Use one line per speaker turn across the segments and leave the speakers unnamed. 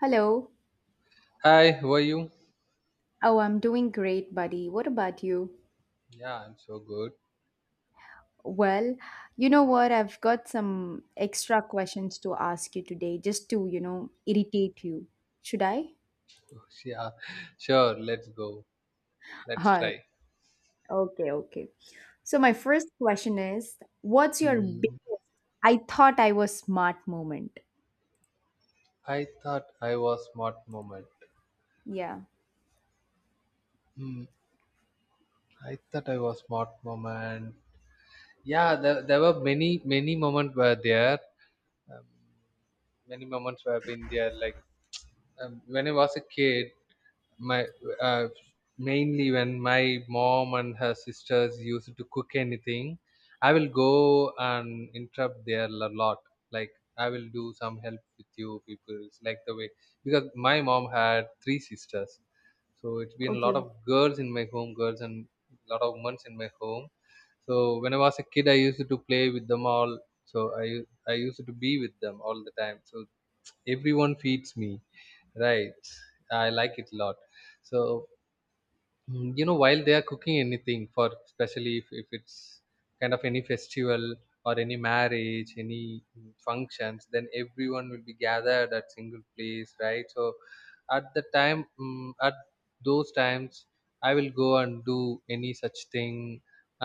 Hello.
Hi, how are you?
Oh, I'm doing great, buddy. What about you?
Yeah, I'm so good.
Well, you know what? I've got some extra questions to ask you today just to, you know, irritate you. Should I?
Yeah, sure, let's go. Let's
Uh,
try.
okay, okay. So, my first question is, what's your
Hmm.
biggest I thought I was smart moment?
I thought I was smart moment.
Yeah.
Hmm. I thought I was smart moment. Yeah, there were many, many moments were there. Um, Many moments were been there. Like when I was a kid, my uh, mainly when my mom and her sisters used to cook anything, I will go and interrupt their a lot. Like, I will do some help with you people. It's like the way because my mom had three sisters, so it's been a lot
Okay.
of girls in my home, girls and a lot of months in my home. So when I was a kid, I used to play with them all. So I used to be with them all the time. So everyone feeds me, right? I like it a lot. So while they are cooking anything, for especially if it's kind of any festival or any marriage, any functions, then everyone will be gathered at single place, right? So at those times, I will go and do any such thing,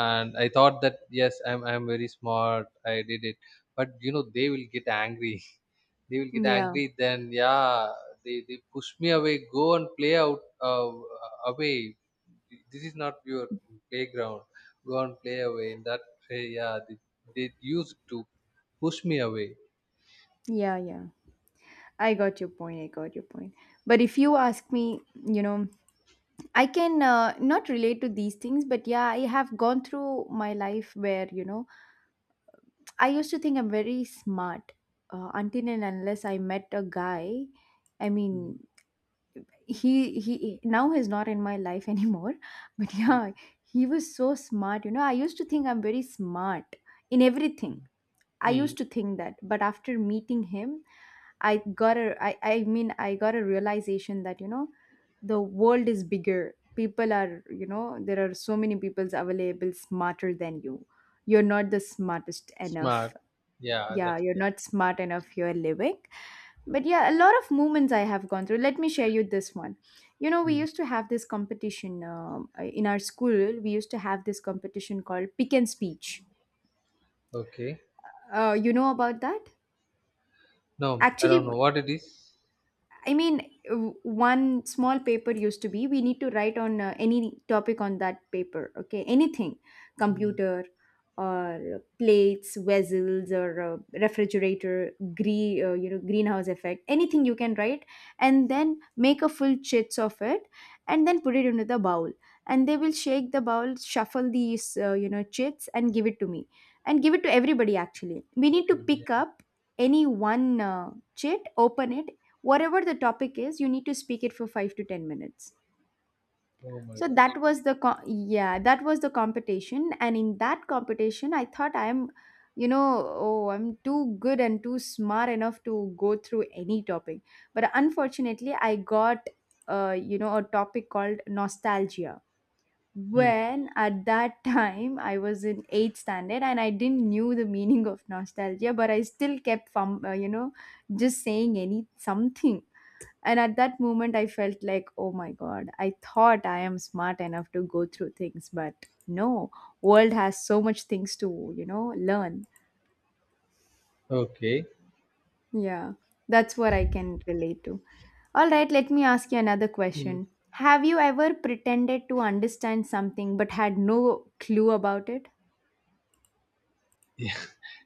and I thought that, yes, I'm very smart, I did it. But they will get angry. They will get
Yeah.
angry then. Yeah, they push me away. Go and play out, away. This is not your playground. Go and play away. In that way, yeah, they used to push me away.
Yeah. Yeah. I got your point. I got your point. But if you ask me, you know, I can not relate to these things, but yeah, I have gone through my life where, you know, I used to think I'm very smart until and unless I met a guy. I
Mm,
mean, he now he's not in my life anymore, but
mm,
yeah, he was so smart. You know, I used to think I'm very smart in
mm,
everything I
mm.
used to think that, but after meeting him, I got a I mean I got a realization that you know the world is bigger. People are, you know, there are so many people available smarter than you. You're not the smartest
Smart.
enough.
Yeah,
Yeah,
that's
you're
correct.
not smart enough. You're living. But yeah, a lot of moments I have gone through. Let me share you this one. You know, we
Mm.
used to have this competition in our school. We used to have this competition called Pick and Speech.
Okay.
You know about that?
No, I don't
Actually,
know what it is.
I mean, one small paper used to be we need to write on any topic on that paper, okay? Anything,
Mm.
computer or plates, vessels, or refrigerator, green, you know, greenhouse effect, anything you can write, and then make a full chits of it, and then put it into the bowl. And they will shake the bowl, shuffle these, you know, chits, and give it to me, and give it to everybody. Actually, we need to
Everybody,
pick
yeah.
up any one chit, open it, whatever the topic is you need to speak it for 5 to 10 minutes.
Oh my
So
god.
that was the yeah, that was the competition, and in that competition I thought I am, you know, oh, I'm too good and too smart enough to go through any topic, but unfortunately I got you know, a topic called nostalgia.
Okay. Mm.
When at that time I was in 8th standard and I didn't knew the meaning of nostalgia, but I still kept from you know, just saying any something. And at that moment, I felt like, oh my God, I thought I am smart enough to go through things, but no, world has so much things to, you know, learn.
Okay.
Yeah, that's what I can relate to. All right, let me ask you another
Mm.
question. Have you ever pretended to understand something but had no clue about it?
Yeah.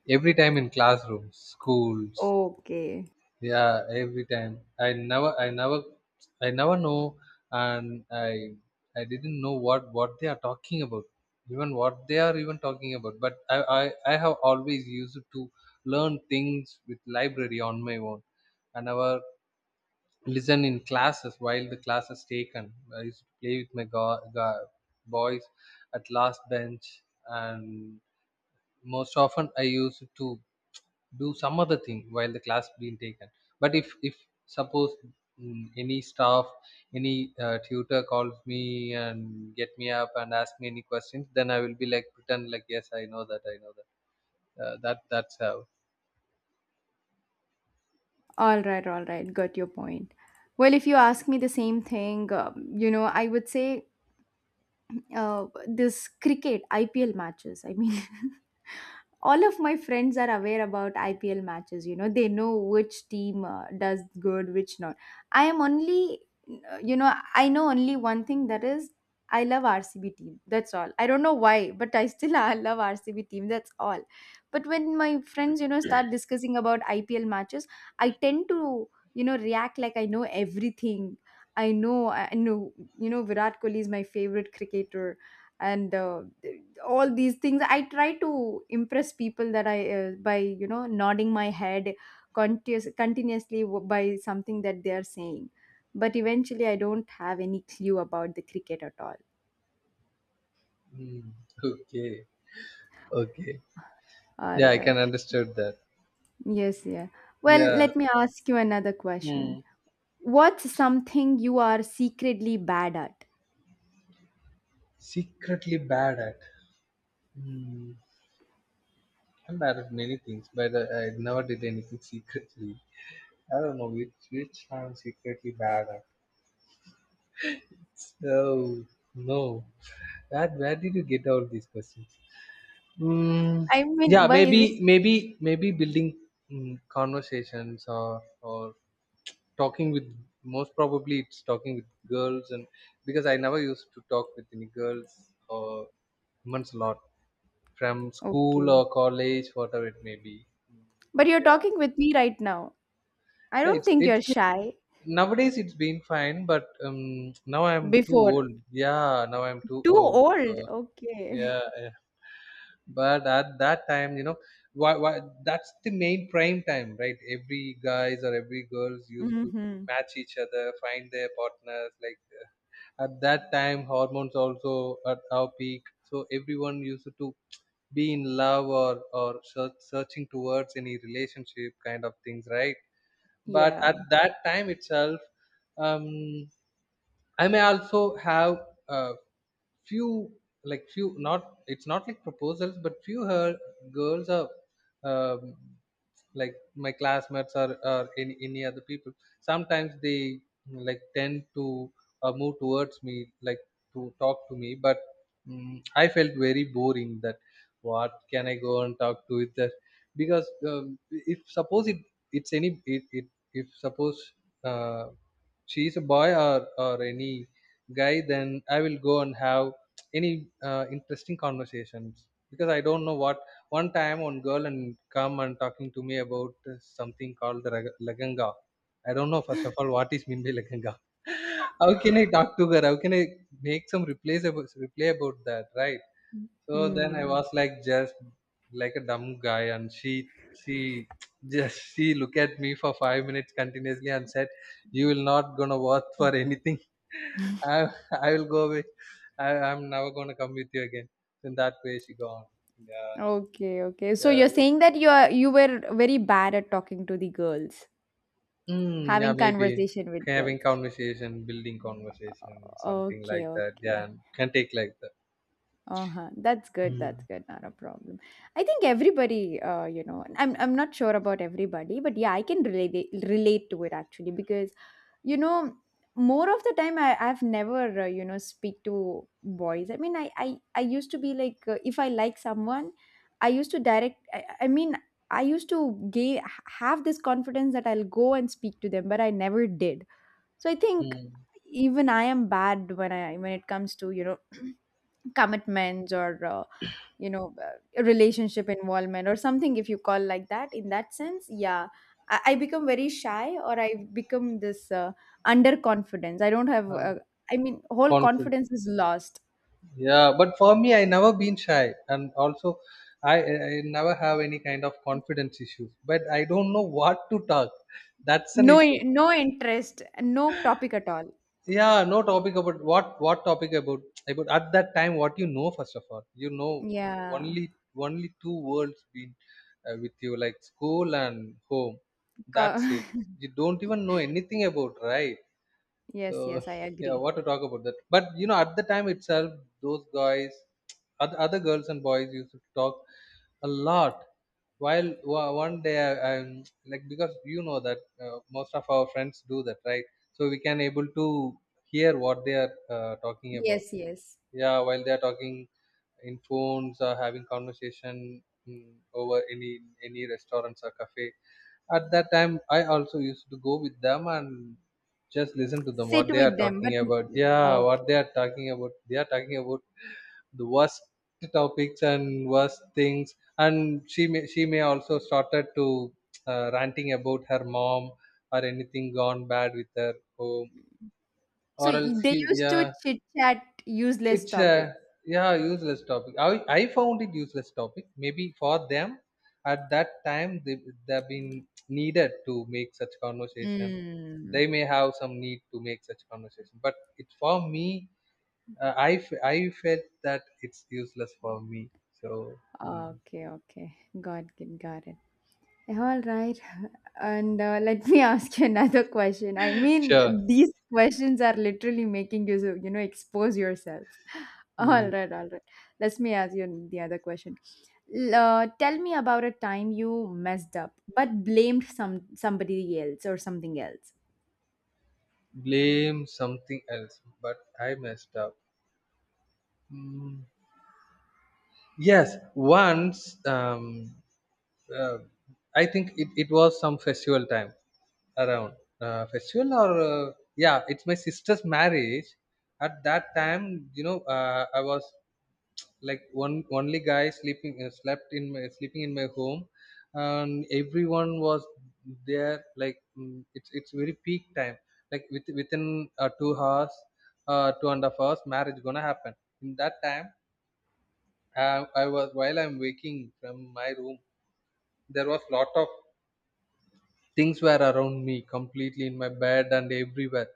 Every time in classrooms, schools,
Okay.
yeah, every time. I never know, and I didn't know what they are talking about, even what they are even talking about. But I have always used to learn things with library on my own. I never listen in classes while the class is taken. I used to play with my boys at last bench, and most often I used to do some other thing while the class being taken. But if suppose, any staff, any tutor calls me and get me up and ask me any questions, then I will be like pretend like, yes, I know that, I know that's how.
All right, all right. Got your point. Well, if you ask me the same thing, you know, I would say this cricket IPL matches. I mean, all of my friends are aware about IPL matches. You know, they know which team does good, which not. I am only, you know, I know only one thing, that is I love RCB team. That's all. I don't know why, but I still I love RCB team. That's all. But when my friends, you know, start discussing about IPL matches, I tend to, you know, react like I know everything. I know, you know, Virat Kohli is my favorite cricketer and all these things I try to impress people that I by you know nodding my head continuously by something that they are saying, but eventually I don't have any clue about the cricket at all.
Mm, okay, okay.
All
Yeah, I can
right.
understand that.
Yes, yeah. Well,
Yeah.
let me ask you another question.
Mm.
What's something you are secretly bad at?
Secretly bad at. mm, I'm bad at many things, but I never did anything secretly. I don't know which I'm secretly bad at. Oh no! Where did you get all these questions? Mm,
I
yeah,
mean, why is it
maybe building conversations, or talking with, most probably it's talking with girls. And because I never used to talk with any girls or months a lot from school
okay?
or college, whatever it may be. Mm.
But you're
Yeah,
talking with me right now. I
yeah
don't
it's
think you're
it's been,
shy
nowadays it's been fine, but now I'm too
before
old. Yeah, now I'm too
too
old.
old.
Uh,
Okay.
yeah, yeah. But at that time, why that's the main prime time, right? Every guys or every girls used to
Hmm.
match each other, find their partners, like, at that time hormones also at our peak, so everyone used to be in love, or searching towards any relationship kind of things, right? But
Yeah.
at that time itself, um I may also have a few, like few, not, it's not like proposals, but few. Her girls are, um, like my classmates, or any other people. Sometimes they like tend to move towards me, like to talk to me, but I felt very boring that what can I go and talk to with her. Because if suppose it it's any it, it if suppose, uh, she is a boy, or any guy, then I will go and have any interesting conversations, because I don't know what. One time, one girl and come and talking to me about something called the laganga. I don't know first of all what is mimbi laganga. How can I talk to her? How can I make some replies about reply about that, right? So then I
Hmm.
was like just like a dumb guy, and she just she looked at me for 5 minutes continuously and said, "You will not gonna work for anything. I I will go away. I'm never gonna come with you again." So in that way, she gone. Yeah,
Okay, okay. So
yeah,
you're saying that you are you were very bad at talking to the girls,
mm, yeah.
having
Maybe
conversation with
having
girls.
conversation, building conversation, something
Okay,
like that. Yeah,
okay.
can take like that.
Uh-huh. That's good. That's
Mm.
good. Not a problem. I think everybody, you know, I'm not sure about everybody, but yeah, I can relate relate to it actually because, you know, more of the time I've never you know speak to boys. I mean, I used to be like if I like someone, I used to direct. I mean, I used to gay have this confidence that I'll go and speak to them, but I never did. So I think
Mm.
even I am bad when I when it comes to, you know. Commitments or you know relationship involvement or something, if you call like that in that sense, yeah, I become very shy, or I become this underconfidence. I don't have
And
I mean, whole
confident.
confidence is lost.
Yeah, but for me, I never been shy, and also I never have any kind of confidence issues, but I don't know what to talk. That's an
No,
issue.
no interest, no topic at all.
Yeah, no topic about what topic about. At that time, what you know first of all,
Yeah.
only two worlds been, with you, like school and home.
Co-
That's it. You don't even know anything about, right? So
yes, yes, I
yeah,
agree.
what to talk about that? But at the time itself, those guys, other girls and boys used to talk a lot. While one day, I'm like, because you know that most of our friends do that, right? So we can able to hear what they are talking about.
Yes, yes,
Yeah, while they are talking in phones or having conversation, over any restaurants or cafe. At that time, I also used to go with them and just listen to them
sit
what they are
with them, but
talking about. Yeah,
okay.
what they are talking about they are talking about the worst topics and worst things. And she may also started to ranting about her mom, or anything gone bad with her home,
So
or else
they
he.
used to
Yeah.
chit chat useless
it's
topics.
a Yeah, useless topic. I found it useless topic. Maybe for them at that time, they've been needed to make such conversation.
Mm.
They may have some need to make such conversation, but it for me. I felt that it's useless for me. So mm.
Okay, okay. Got it, got it. All right. And let me ask you another question. I
Sure.
mean, these questions are literally making you, you know, expose yourself. All
Mm.
right, all right. Let me ask you the other question. Tell me about a time you messed up but blamed somebody else or something else.
Blame something else, but I messed up. Mm. Yes, once, uh, I think it was some festival time. Around, festival, or yeah, it's my sister's marriage. At that time, I was like one only guy sleeping in my home. And everyone was there, like, it's very peak time. Like within, 2.5 hours, marriage gonna happen. In that time, I was while I'm waking from my room, there was lot of things were around me completely in my bed and everywhere.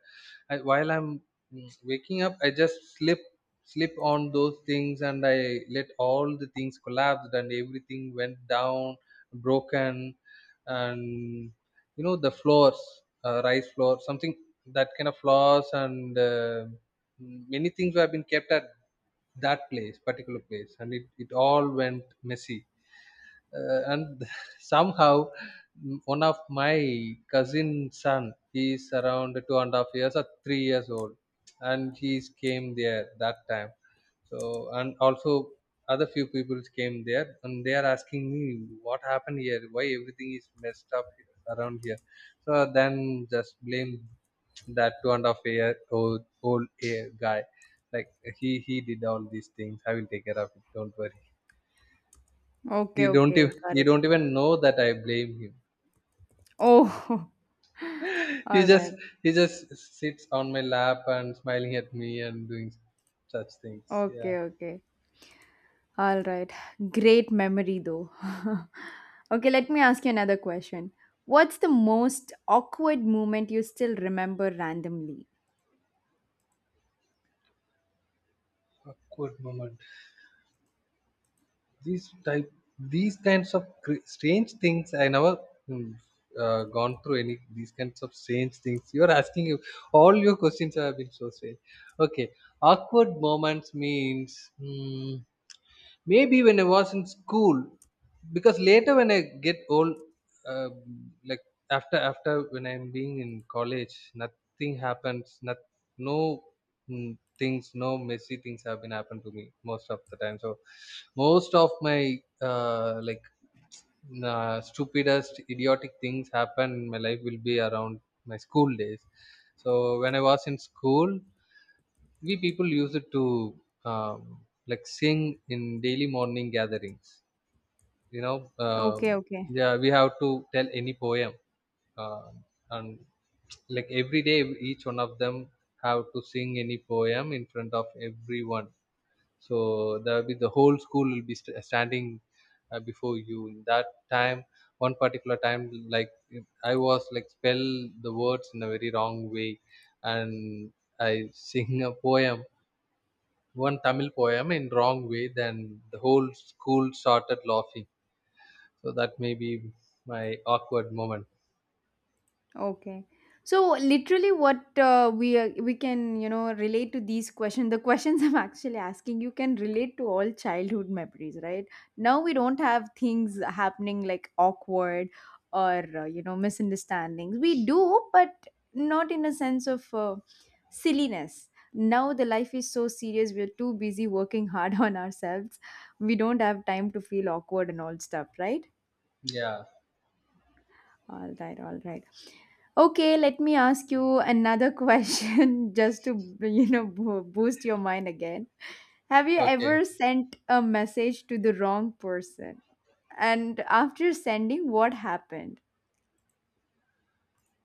While I'm waking up, I just slip on those things, and I let all the things collapse and everything went down broken. And the floors, rice floor, something, that kind of floors. And many things have been kept at that place particular place, and it all went messy. And somehow, one of my cousin son, he is around 2.5 years or 3 years old, and he came there that time. So, and also other few people came there, and they are asking me what happened here, why everything is messed up around here. So then just blame that 2.5 year old, guy, like he did all these things. I will take care of it, don't worry.
Okay, okay, got
He
it.
don't even know that I blame him.
Oh,
He
all
just
right.
he just sits on my lap and smiling at me and doing such things. Yeah,
Okay, okay. All right. Great memory, though. Okay, let me ask you another question. What's the most awkward moment you still remember randomly?
awkward moment. These type these kinds of strange things, I never mm, gone through any these kinds of strange things. You are asking you All your questions have been so strange. Okay, awkward moments means. Maybe when I was in school, because later when I get old, like, after when I'm being in college, nothing happens. Not no mm, things, No messy things have been happened to me most of the time. So most of my stupidest idiotic things happen in my life will be around my school days. So when I was in school, we people use it to um, like sing in daily morning gatherings, you know.
Okay, okay.
Yeah, we have to tell any poem uh, and like every day each one of them have to sing any poem in front of everyone. So there will be the whole school will be standing before you. In that time, one particular time, like I was like spell the words in a very wrong way, and I sing a poem, one Tamil poem in wrong way, then the whole school started laughing. So that may be my awkward moment.
Okay. So literally what we are we can, you know, relate to these questions, the questions I'm actually asking you can relate to all childhood memories, right? Now we don't have things happening like awkward or you know, misunderstandings we do, but not in a sense of silliness. Now the life is so serious, we're too busy working hard on ourselves. We don't have time to feel awkward and all stuff, right?
Yeah.
All right, all right. Okay, let me ask you another question just to, you know, boost your mind again. Have you
Okay.
ever sent a message to the wrong person? And after sending, what happened?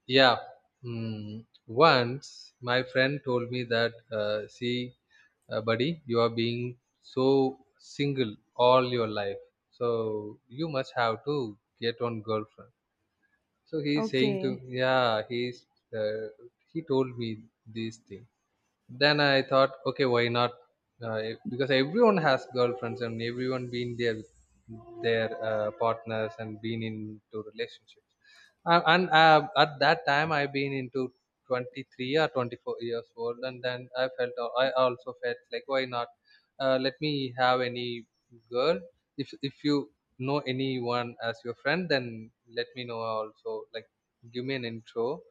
Yeah. Mm. Once my friend told me that, see, buddy, you are being so single all your life. So you must have to get one girlfriend. So he's saying to,
Okay.
yeah, uh, he told me this thing. Then I thought, okay, why not? Because everyone has girlfriends and everyone been there with their partners and been into relationships. And At that time I've been into 23 or 24 years old, and then I felt, I also felt like, why not? Let me have any girl. If you know anyone as your friend, then let me know also, like give me an intro.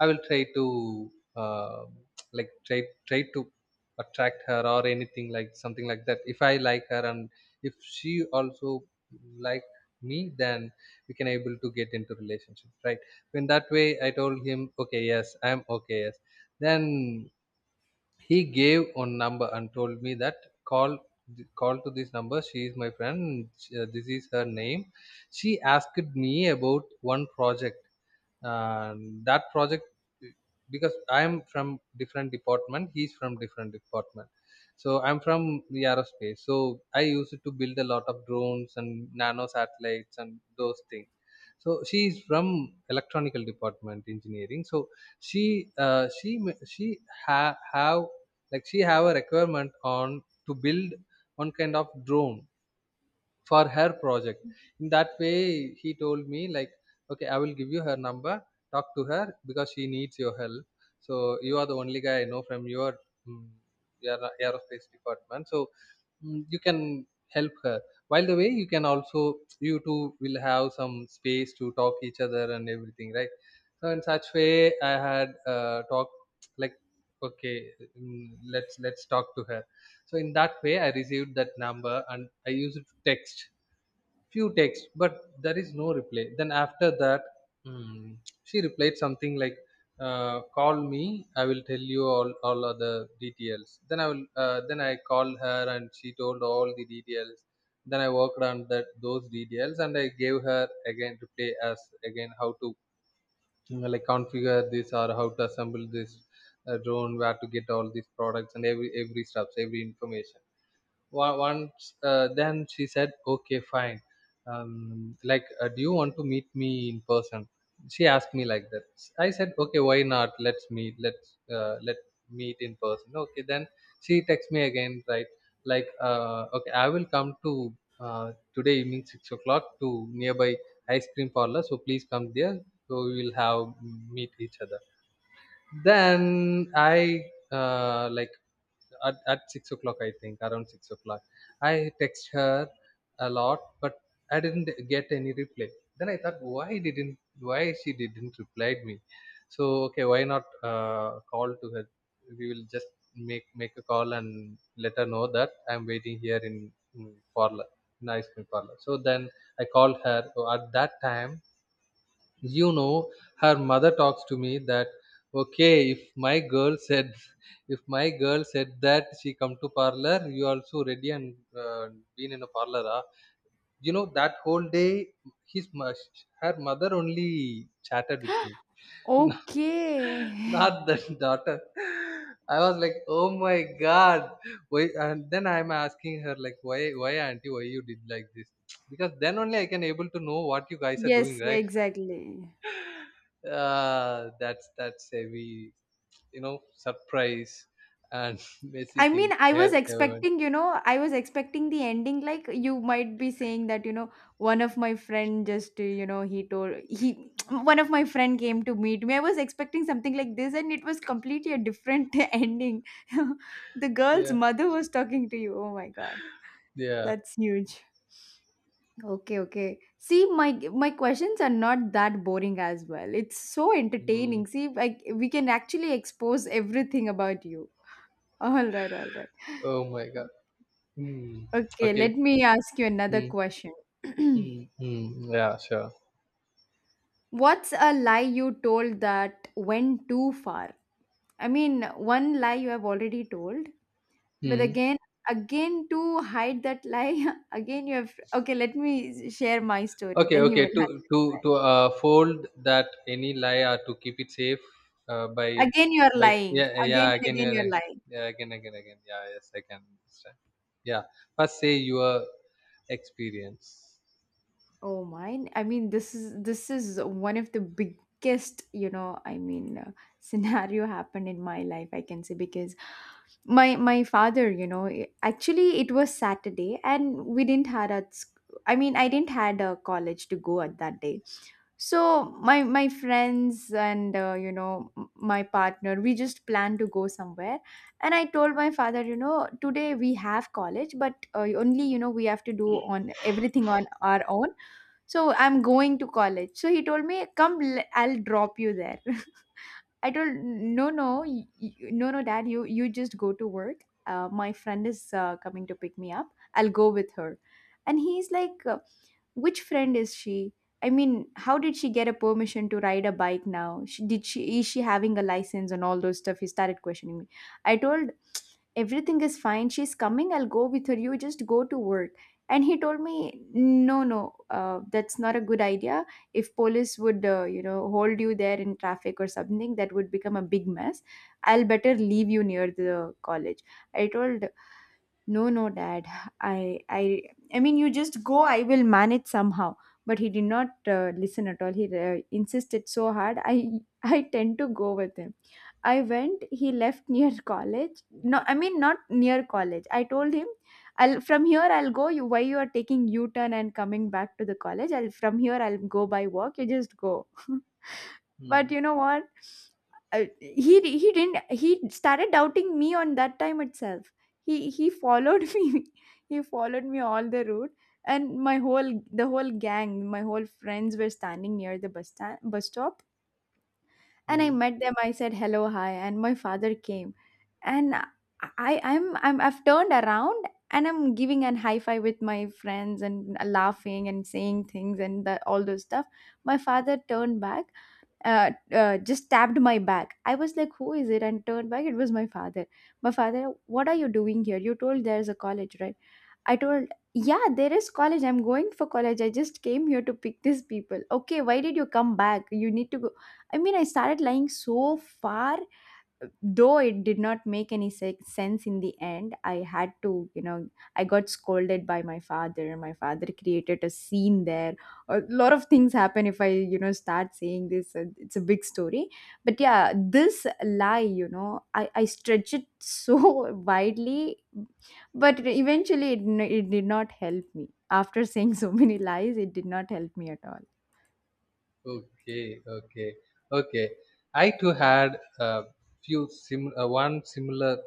I will try to uh, try to attract her or anything, like something like that. If I like her, and if she also like me, then we can able to get into relationship, right? So in that way I told him, okay, yes, I'm okay, yes. Then he gave one number and told me that call, call to this number. She is my friend. This is her name. She asked me about one project. And that project, because I am from different department. He's from different department. So I'm from the aerospace. So I used to build a lot of drones and nano satellites and those things. So she is from electronical department engineering. So she have, like she have a requirement on to build one kind of drone for her project. In that way he told me like, okay, I will give you her number, talk to her because she needs your help. So you are the only guy I know from your mm, your aerospace department. So you can help her. While the way you can also, you two will have some space to talk each other and everything, right? So in such way, I had talked, like, okay, let's talk to her. So in that way, I received that number and I used to text few texts, but there is no reply. Then after that, mm, she replied something like, call me, I will tell you all other details. Then I will then I called her and she told all the details. Then I worked on that those details and I gave her again replay as, again, how to, you know, like configure this or how to assemble this drone, where to get all these products and every steps, every information. Once then she said, okay, fine, like, do you want to meet me in person? She asked me like that. I said, okay, why not, let's meet, let meet in person, okay. Then she texts me again, right? Like, okay, I will come to today evening 6 o'clock to nearby ice cream parlor, so please come there, so we will have meet each other. Then I like at 6 o'clock, I think around 6 o'clock, I text her a lot but I didn't get any reply. Then I thought, why didn't, why she didn't reply me? So okay, why not call to her, we will just make a call and let her know that I'm waiting here in parlor, in ice cream parlor. So then I called her. So at that time, you know, her mother talks to me that, okay, if my girl said if my girl said that she come to parlor, you also ready and been in a parlor, ah? You know, that whole day his mo- her mother only chatted with me, not
Okay.
the daughter. I was like, oh my god, why? And then I'm asking her like, why auntie, why you did like this? Because then only I can able to know what you guys are doing,
Yes,
right?
exactly.
That's heavy, you know, surprise and messy
I mean,
thing
I
I
was
had ever went.
expecting, you know, I was expecting the ending. Like you might be saying that, you know, one of my friend just, you know, he told he, one of my friend came to meet me. I was expecting something like this, and it was completely a different ending. The girl's
Yeah,
mother was talking to you. Oh my god,
yeah.
that's huge. Okay, okay. See, my questions are not that boring as well. It's so
Mm.
entertaining. See, like we can actually expose everything about you. All right, all right.
Oh my god. Mm.
Okay,
Okay.
let me ask you another
Mm.
question.
Mm. Mm. Yeah, sure.
What's a lie you told that went too far? I mean, one lie you have already told, but
Mm.
again, again to hide that lie, again you have. Okay, let me share my story,
Okay,
then you
okay.
will
To to
understand.
to uh, fold that any lie or to keep it safe uh, by
Again, you are
by
lying.
yeah,
Again
yeah,
and
again
again,
you're
you're
right.
lying.
Yeah, again yeah, yes, I can understand. Yeah, first say your experience.
Oh, mine. I mean, this is one of the biggest, you know, I mean, scenario happened in my life. I can say because my father, you know, actually it was Saturday, and we didn't had a I mean, I didn't had a college to go at that day. So my friends and you know, my partner, we just planned to go somewhere. And I told my father, you know, today we have college, but only you know we have to do on everything on our own. So I'm going to college. So he told me, come, I'll drop you there. I told, no, no, no, no, dad. You just go to work. My friend is coming to pick me up. I'll go with her. And he's like, which friend is she? I mean, how did she get a permission to ride a bike now? She, did she is she having a license and all those stuff? He started questioning me. I told, everything is fine. She's coming. I'll go with her. You just go to work. And he told me, no, no, that's not a good idea. If police would, you know, hold you there in traffic or something, that would become a big mess. I'll better leave you near the college. I told, no, no, dad. I, I, I mean, you just go, I will manage somehow. But he did not listen at all. He insisted so hard. I I tend to go with him. I went. He left near college. No, I mean not near college. I told him, I'll from here I'll go. You why you are taking U turn and coming back to the college? I'll from here I'll go by walk. You just go. But
Mm.
you know what? He didn't he started doubting me on that time itself. He followed me. He followed me all the route. And my whole the whole gang, my whole friends were standing near the bus stand bus stop. And I
Mm.
met them. I said hello, hi, and my father came, and I've turned around, and I'm giving an high five with my friends and laughing and saying things and the, all those stuff. My father turned back, just tapped my back. I was like, "Who is it?" and turned back. It was my father. My father, what are you doing here? You told there's a college, right? I told, yeah, there is college. I'm going for college. I just came here to pick these people. Okay, why did you come back? You need to go. I mean, I started lying so far, though it did not make any sense in the end. I had to, you know, I got scolded by my father. My father created a scene there. A lot of things happen if I, you know, start saying this. It's a big story. But yeah, this lie, you know, I stretch it so widely, but eventually it, it did not help me. After saying so many lies, it did not help me at all.
Okay, okay, okay. I too had a few sim one similar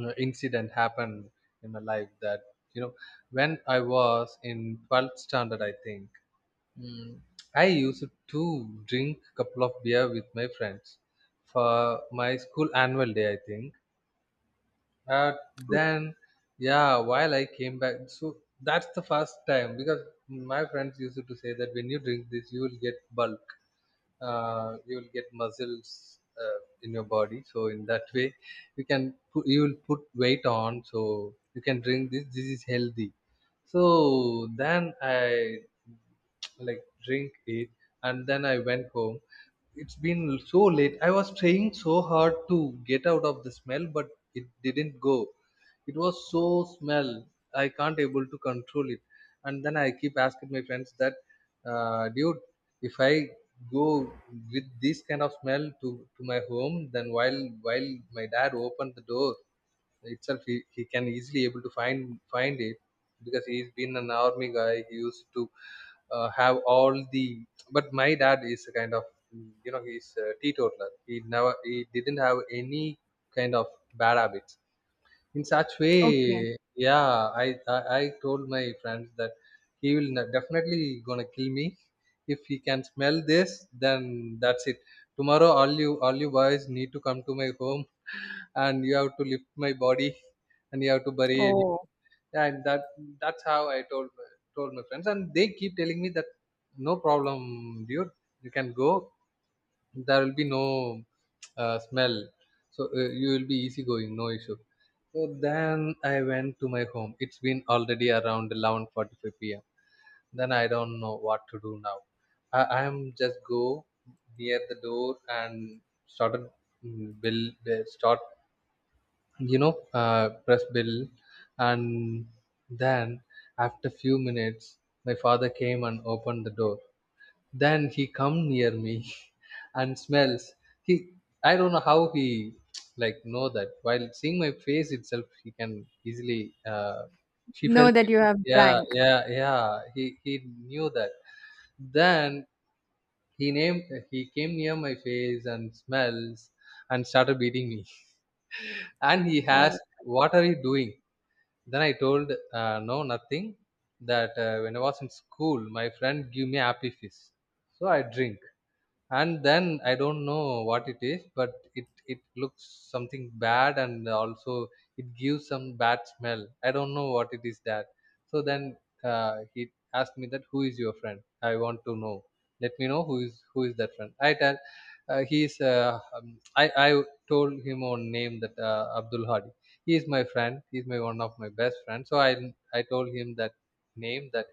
incident happened in my life, that, you know, when I was in 12th standard, I think, mm, I used to drink a couple of beer with my friends for my school annual day, I think. Uh, then, yeah, while I came back, so that's the first time, because my friends used to say that when you drink this, you will get bulk, you will get muscles in your body. So in that way, you will put weight on, so you can drink this, this is healthy. So then I like drink it and then I went home. It's been so late. I was trying so hard to get out of the smell, but it didn't go. It was so smell, I can't able to control it. And then I keep asking my friends that, dude, if I go with this kind of smell to my home, then while my dad opened the door itself, he can easily able to find it, because he's been an army guy, he used to have all the, but my dad is a kind of, you know, he's a teetotaler, he never, he didn't have any kind of bad habits. In such way,
Okay.
yeah, i I told my friends that he will not definitely gonna kill me if he can smell this. Then that's it, tomorrow all you boys need to come to my home and you have to lift my body and you have to bury it.
Oh,
Yeah, and that that's how I told told my friends, and they keep telling me that, no problem, dude, you can go, there will be no smell, so you will be easy going, no issue. So then I went to my home. It's been already around 11:45 p.m. Then I don't know what to do now. I am just go near the door and started mm, bill start you know, press bill. And then after few minutes my father came and opened the door. Then he come near me and smells. He i don't know how he like know that, while seeing my face itself, he can easily she felt
know that
it.
you have
Yeah,
drank.
yeah he knew that. Then he named he came near my face and smells, and started beating me and he
Oh,
asked, what are you doing? Then I told, no, nothing, that when I was in school, my friend gave me happy fist, so I drink, and then I don't know what it is, but it looks something bad, and also it gives some bad smell. I don't know what it is that. So then he asked me that, who is your friend? I want to know. Let me know, who is, who is that friend. I tell, he's I told him on name that, Abdul Hadi. He is my friend. He's my one of my best friends. So I told him that name, that,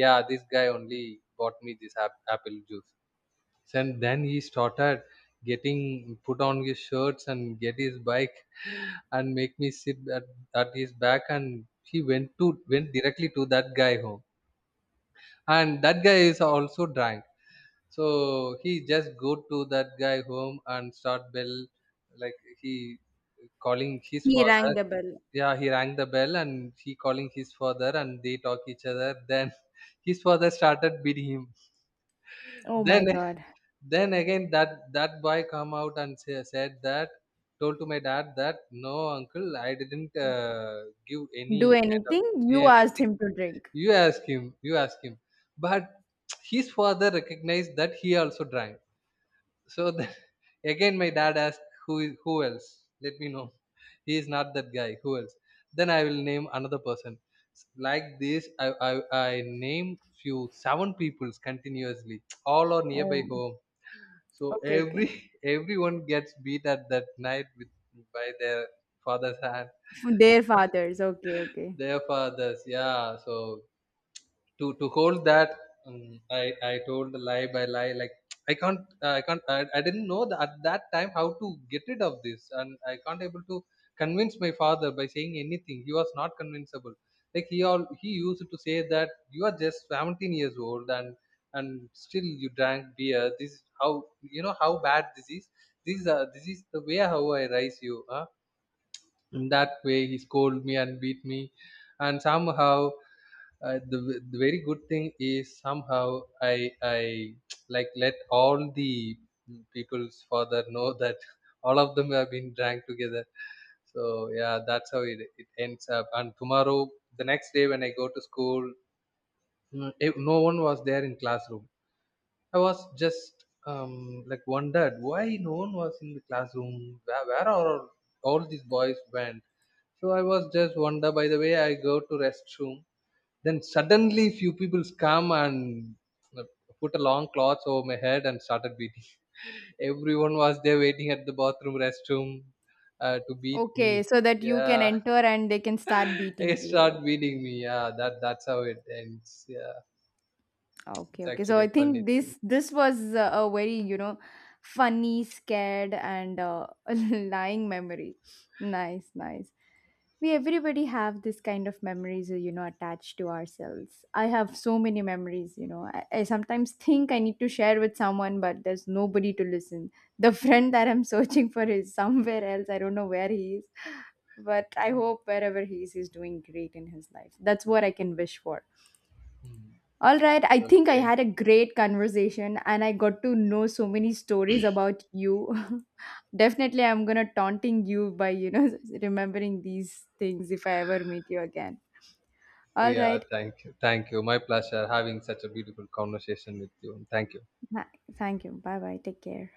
yeah, this guy only bought me this apple juice. And then he started getting put on his shirts and get his bike and make me sit at his back, and he went to went directly to that guy home. And that guy is also drunk. So he just go to that guy home and start bell, like he calling his
he
father.
rang the bell.
Yeah, he rang the bell and he calling his father, and they talk each other, then his father started beating him.
Oh my
then
God.
then again that that boy come out and said that, told to my dad that, no uncle, I didn't give any
Do
kind of
anything? You asked
anything.
him to drink.
You ask him, you ask him. But his father recognized that he also drank. So then, again my dad asked, who is, who else, let me know, he is not that guy, who else? Then I will name another person. Like this I name few seven peoples continuously. All are nearby
Oh,
home. So
okay, okay.
every everyone gets beat at that night with, by their father's hand.
Their fathers. Okay, okay.
Their fathers, yeah. So to hold that, um, I I told the lie by lie, like, I can't, I didn't know that at that time how to get rid of this, and I can't able to convince my father by saying anything, he was not convincible. Like, he all he used to say that, you are just 17 years old and still you drank beer. This is how, you know how bad this is. This is this is the way how I raise you, huh? In that way he scolded me and beat me, and somehow, the very good thing is, somehow I like, let all the people's father know that all of them have been drank together. So yeah, that's how it it ends up. And tomorrow, the next day when I go to school, no one was there in classroom. I was just wondered why no one was in the classroom. Where are all these boys went? So I was just wonder. By the way, I go to restroom, then suddenly few people come and uh, put a long cloth over my head and started beating. Everyone was there waiting at the bathroom restroom to beat
Okay,
me.
so that you can
Yeah,
enter and they can start
they
beating you.
start beating me. Yeah, that that's how it ends. Yeah,
Okay,
it's
okay. So
actually a
I
funny
think
thing.
this this was a very, you know, funny, scared, and lying memory. Nice, nice. We everybody have this kind of memories, you know, attached to ourselves. I have so many memories, you know. I sometimes think I need to share with someone, but there's nobody to listen. The friend that I'm searching for is somewhere else. I don't know where he is, but I hope wherever he is, he's doing great in his life. That's what I can wish for.
Hmm.
All right, I think I
Okay.
had a great conversation and I got to know so many stories about you. Definitely I'm going to taunting you by, you know, remembering these things if I ever meet you again. All
Yeah,
right.
thank you. Thank you. My pleasure having such a beautiful conversation with you. Thank you.
Tha- Thank you. Bye-bye. Take care.